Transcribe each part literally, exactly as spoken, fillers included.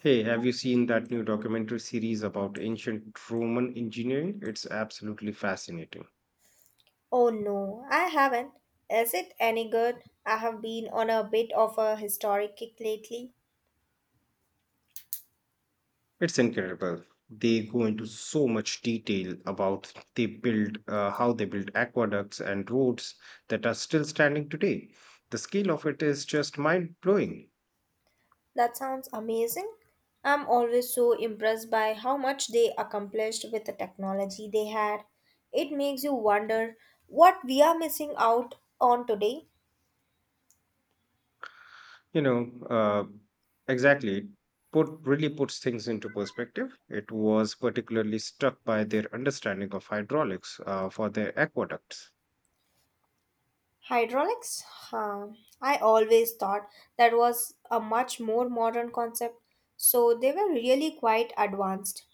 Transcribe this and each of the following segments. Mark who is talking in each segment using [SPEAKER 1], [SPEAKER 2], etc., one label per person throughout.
[SPEAKER 1] Hey, have you seen that new documentary series about ancient Roman engineering? It's absolutely fascinating.
[SPEAKER 2] Oh no, I haven't. Is it any good? I have been on a bit of a historic kick lately.
[SPEAKER 1] It's incredible. They go into so much detail about they build uh, how they built aqueducts and roads that are still standing today. The scale of it is just mind-blowing.
[SPEAKER 2] That sounds amazing. I'm always so impressed by how much they accomplished with the technology they had. It makes you wonder what we are missing out on today.
[SPEAKER 1] You know, uh, exactly. It Put really puts things into perspective. It was particularly struck by their understanding of hydraulics uh, for their aqueducts.
[SPEAKER 2] Hydraulics? Huh. I always thought that was a much more modern concept, so they were really quite advanced.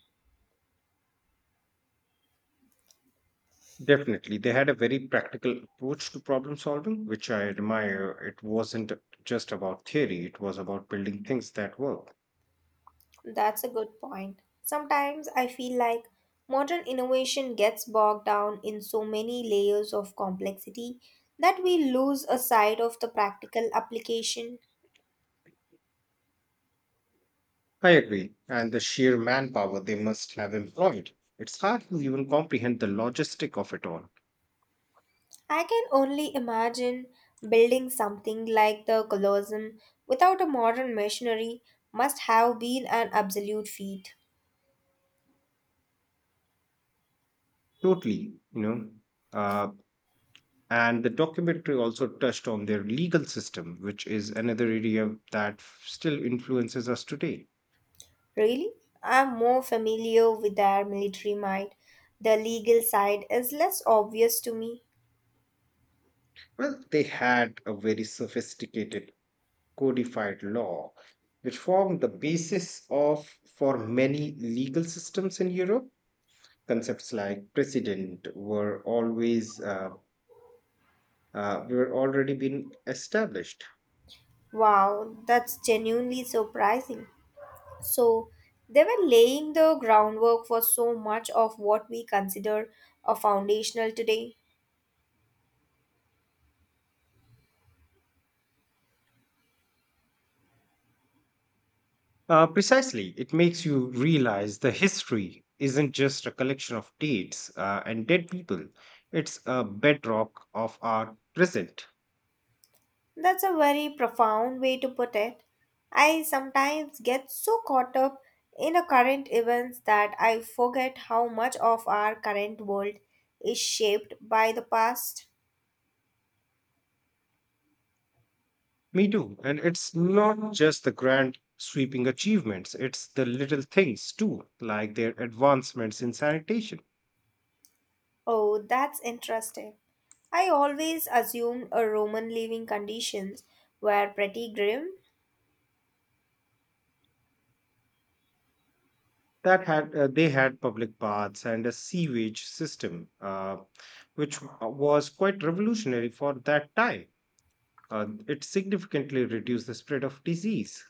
[SPEAKER 1] Definitely. They had a very practical approach to problem solving, which I admire. It wasn't just about theory, it was about building things that work.
[SPEAKER 2] That's a good point. Sometimes I feel like modern innovation gets bogged down in so many layers of complexity that we lose a sight of the practical application.
[SPEAKER 1] I agree. And the sheer manpower they must have employed. It's hard to even comprehend the logistic of it all.
[SPEAKER 2] I can only imagine building something like the Colosseum without a modern machinery must have been an absolute feat.
[SPEAKER 1] Totally, you know. Uh, and the documentary also touched on their legal system, which is another area that still influences us today.
[SPEAKER 2] Really? I'm more familiar with their military might. The legal side is less obvious to me.
[SPEAKER 1] Well, they had a very sophisticated codified law, which formed the basis of for many legal systems in Europe. Concepts like precedent were always uh, uh, were already been established.
[SPEAKER 2] Wow, that's genuinely surprising. So, they were laying the groundwork for so much of what we consider a foundational today.
[SPEAKER 1] Uh, precisely, it makes you realize the history isn't just a collection of dates uh, and dead people; it's a bedrock of our present.
[SPEAKER 2] That's a very profound way to put it. I sometimes get so caught up in the current events that I forget how much of our current world is shaped by the past.
[SPEAKER 1] Me too. And it's not just the grand sweeping achievements, it's the little things too, like their advancements in sanitation.
[SPEAKER 2] Oh, that's interesting. I always assumed a Roman living conditions were pretty grim.
[SPEAKER 1] That had uh, They had public baths and a sewage system, uh, which w- was quite revolutionary for that time. Uh, it significantly reduced the spread of disease.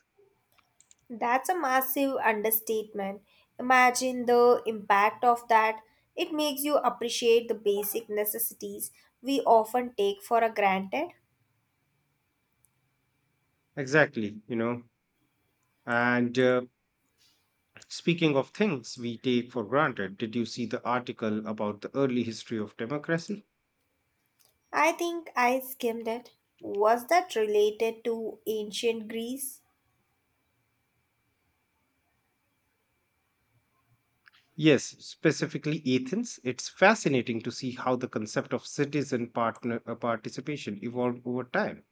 [SPEAKER 2] That's a massive understatement. Imagine the impact of that. It makes you appreciate the basic necessities we often take for granted.
[SPEAKER 1] Exactly, you know. And uh, Speaking of things we take for granted, did you see the article about the early history of democracy?
[SPEAKER 2] I think I skimmed it. Was that related to ancient Greece?
[SPEAKER 1] Yes, specifically Athens, it's fascinating to see how the concept of citizen partner uh, participation evolved over time.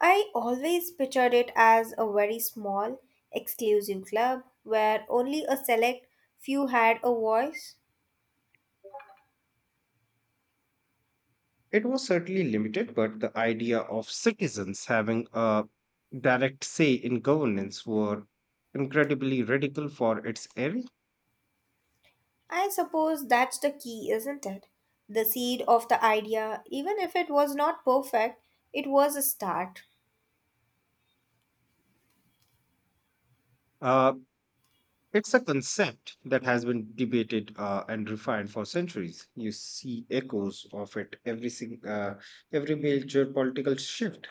[SPEAKER 2] I always pictured it as a very small, exclusive club where only a select few had a voice.
[SPEAKER 1] It was certainly limited, but the idea of citizens having a direct say in governance were incredibly radical for its era.
[SPEAKER 2] I suppose that's the key, isn't it? The seed of the idea, even if it was not perfect, it was a start.
[SPEAKER 1] Uh, it's a concept that has been debated uh, and refined for centuries. You see echoes of it every sing- uh, every major political shift.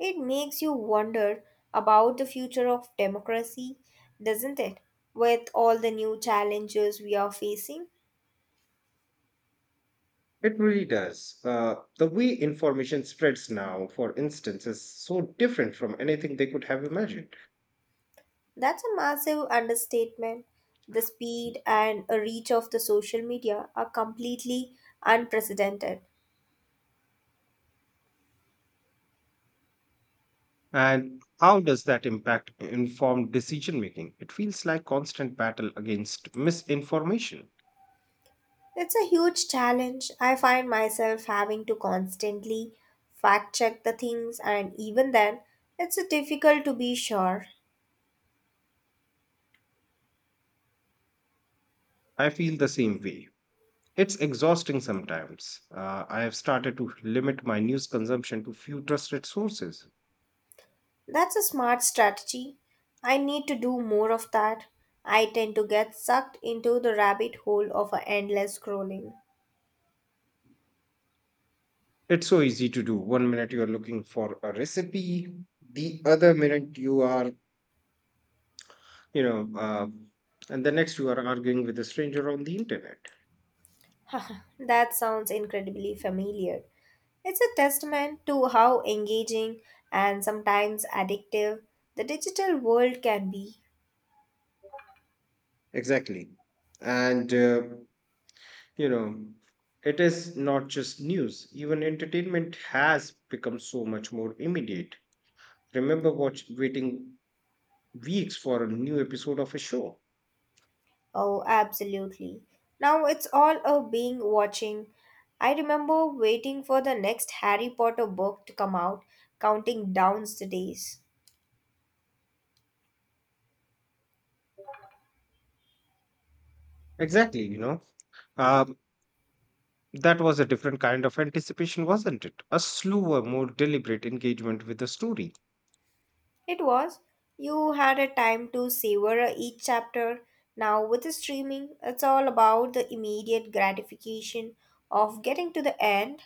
[SPEAKER 2] It makes you wonder about the future of democracy, doesn't it? With all the new challenges we are facing,
[SPEAKER 1] It really does. Uh, the way information spreads now, for instance, is so different from anything they could have imagined.
[SPEAKER 2] that's a massive understatement. The speed and reach of the social media are completely unprecedented.
[SPEAKER 1] And how does that impact informed decision making? It feels like constant battle against misinformation.
[SPEAKER 2] It's a huge challenge. I find myself having to constantly fact check the things, and even then, it's difficult to be sure.
[SPEAKER 1] I feel the same way. It's exhausting sometimes. Uh, I have started to limit my news consumption to few trusted sources.
[SPEAKER 2] That's a smart strategy. I need to do more of that. I tend to get sucked into the rabbit hole of a endless scrolling.
[SPEAKER 1] It's so easy to do. One minute you are looking for a recipe, the other minute you are you know uh, and the next you are arguing with a stranger on the internet.
[SPEAKER 2] That sounds incredibly familiar. It's a testament to how engaging and sometimes addictive the digital world can be.
[SPEAKER 1] Exactly, and uh, you know it is not just news, even entertainment has become so much more immediate. Remember watch waiting weeks for a new episode of a show.
[SPEAKER 2] Oh, absolutely. Now it's all a being watching. I remember waiting for the next Harry Potter book to come out, counting down the days.
[SPEAKER 1] Exactly, you know. Um, That was a different kind of anticipation, wasn't it? A slower, more deliberate engagement with the story.
[SPEAKER 2] It was. You had a time to savor each chapter. Now, with the streaming, it's all about the immediate gratification of getting to the end.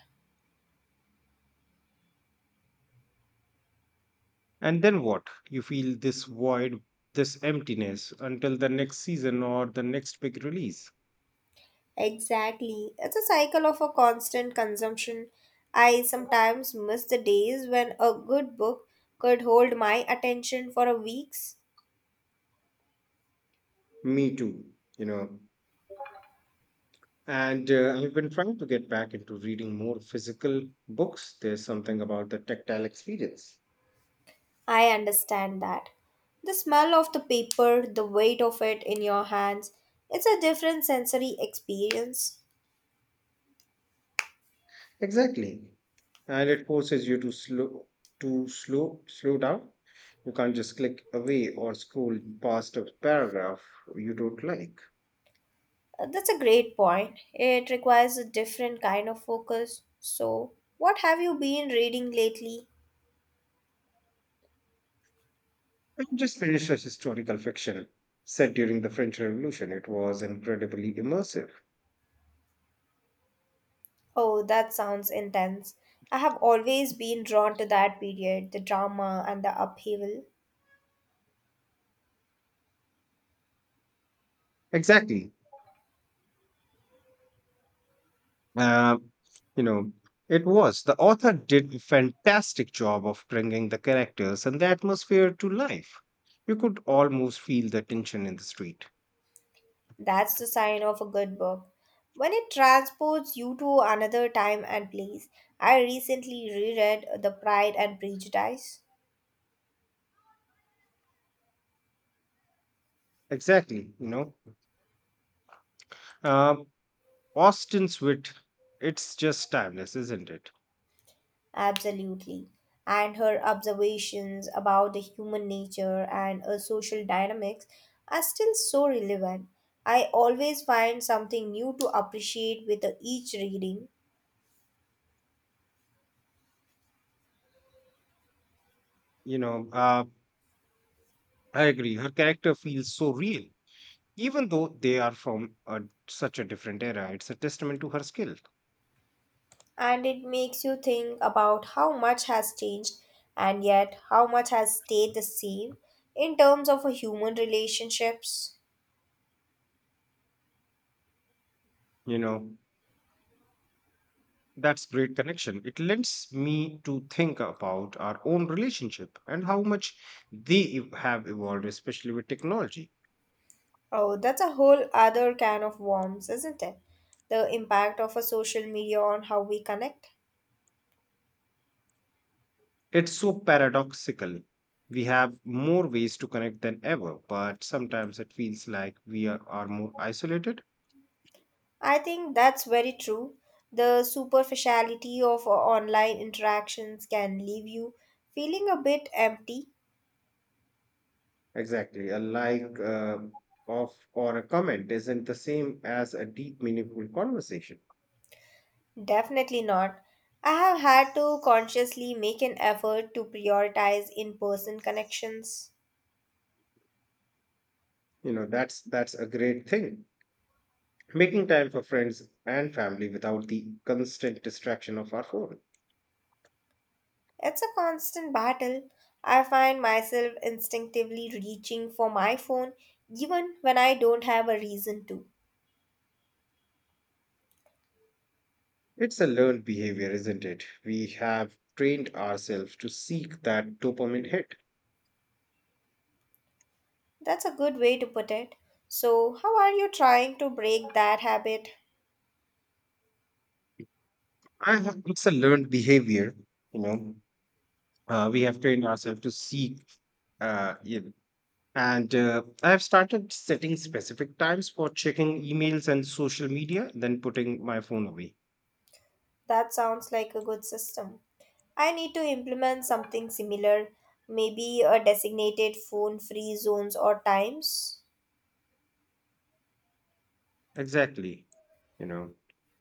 [SPEAKER 1] And then what? You feel this void, this emptiness until the next season or the next big release.
[SPEAKER 2] Exactly. It's a cycle of a constant consumption. I sometimes miss the days when a good book could hold my attention for a weeks.
[SPEAKER 1] Me too. You know, And uh, I've been trying to get back into reading more physical books. There's something about the tactile experience.
[SPEAKER 2] I understand that. The smell of the paper, the weight of it in your hands, it's a different sensory experience.
[SPEAKER 1] Exactly. And it forces you to slow to slow slow down. You can't just click away or scroll past a paragraph you don't like.
[SPEAKER 2] Uh, That's a great point. It requires a different kind of focus. So, what have you been reading lately?
[SPEAKER 1] I just finished a historical fiction set during the French Revolution. It was incredibly immersive.
[SPEAKER 2] Oh, that sounds intense. I have always been drawn to that period, the drama and the upheaval.
[SPEAKER 1] Exactly. Uh, you know, it was. The author did a fantastic job of bringing the characters and the atmosphere to life. You could almost feel the tension in the street.
[SPEAKER 2] That's the sign of a good book. When it transports you to another time and place. I recently reread The Pride and Prejudice.
[SPEAKER 1] Exactly, you know. Um, Austin's wit, it's just timeless, isn't it?
[SPEAKER 2] Absolutely. And her observations about the human nature and uh, social dynamics are still so relevant. I always find something new to appreciate with uh, each reading.
[SPEAKER 1] You know, uh, I agree. Her character feels so real, even though they are from a, such a different era. It's a testament to her skill,
[SPEAKER 2] And it makes you think about how much has changed and yet how much has stayed the same in terms of human relationships.
[SPEAKER 1] you know. That's great connection. It lends me to think about our own relationship and how much they ev- have evolved, especially with technology.
[SPEAKER 2] Oh, that's a whole other can of worms, isn't it? The impact of a social media on how we connect.
[SPEAKER 1] It's so paradoxical. We have more ways to connect than ever, but sometimes it feels like we are, are more isolated.
[SPEAKER 2] I think that's very true. The superficiality of uh, online interactions can leave you feeling a bit empty.
[SPEAKER 1] Exactly. A like uh, of or a comment isn't the same as a deep, meaningful conversation.
[SPEAKER 2] Definitely not. I have had to consciously make an effort to prioritize in person connections.
[SPEAKER 1] You know, that's that's a great thing. Making time for friends and family without the constant distraction of our phone.
[SPEAKER 2] It's a constant battle. I find myself instinctively reaching for my phone even when I don't have a reason to.
[SPEAKER 1] It's a learned behavior, isn't it? We have trained ourselves to seek that dopamine hit.
[SPEAKER 2] That's a good way to put it. So, how are you trying to break that habit?
[SPEAKER 1] I have, it's a learned behavior, you know. Uh, we have trained ourselves to seek Uh, yeah. And uh, I've started setting specific times for checking emails and social media, then putting my phone away.
[SPEAKER 2] That sounds like a good system. I need to implement something similar, maybe a designated phone free zones or times.
[SPEAKER 1] Exactly. You know,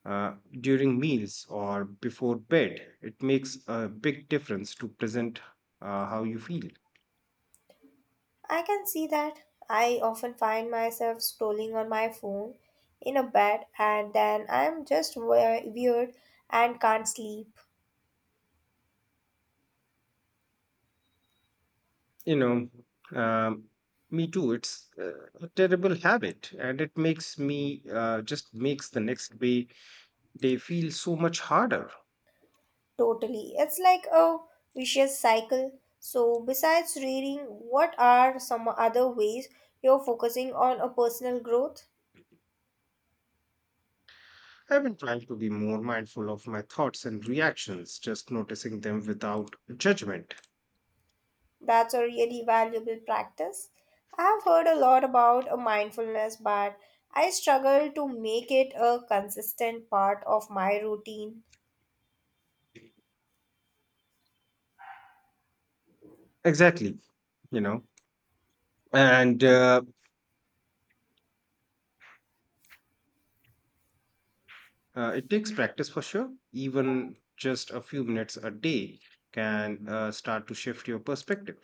[SPEAKER 1] uh, During meals or before bed, it makes a big difference to present uh, how you feel.
[SPEAKER 2] I can see that. I often find myself scrolling on my phone in a bed and then I'm just we- weird and can't sleep.
[SPEAKER 1] You know, um, me too. It's uh, a terrible habit, and it makes me uh, just makes the next day day feel so much harder.
[SPEAKER 2] Totally. It's like a vicious cycle. So, besides reading, what are some other ways you're focusing on a personal growth?
[SPEAKER 1] I've been trying to be more mindful of my thoughts and reactions, just noticing them without judgment.
[SPEAKER 2] That's a really valuable practice. I've heard a lot about a mindfulness, but I struggle to make it a consistent part of my routine.
[SPEAKER 1] Exactly, you know, and uh, uh, it takes practice for sure. Even just a few minutes a day can uh, start to shift your perspective.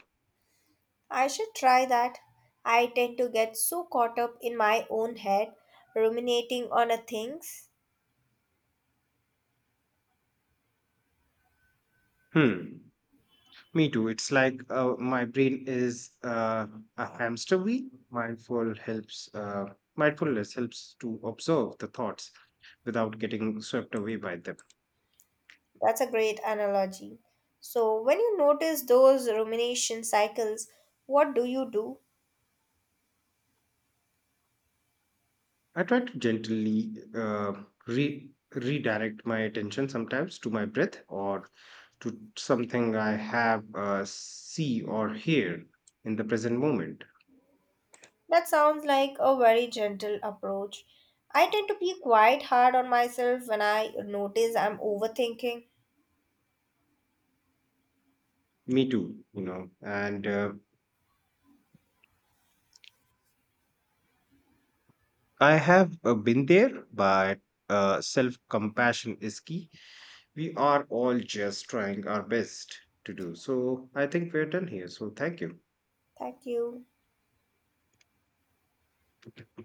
[SPEAKER 2] I should try that. I tend to get so caught up in my own head, ruminating on a things.
[SPEAKER 1] Hmm. Me too. It's like uh, my brain is uh, a hamster wheel. Mindful helps. Uh, Mindfulness helps to observe the thoughts without getting swept away by them.
[SPEAKER 2] That's a great analogy. So, when you notice those rumination cycles, what do you do?
[SPEAKER 1] I try to gently uh, re- redirect my attention sometimes to my breath or to something I have uh, see or hear in the present moment.
[SPEAKER 2] That sounds like a very gentle approach. I tend to be quite hard on myself when I notice I'm overthinking.
[SPEAKER 1] Me too, you know. And uh, I have uh, been there, but uh, self compassion is key. We are all just trying our best to do. So I think we're done here. So thank you.
[SPEAKER 2] Thank you.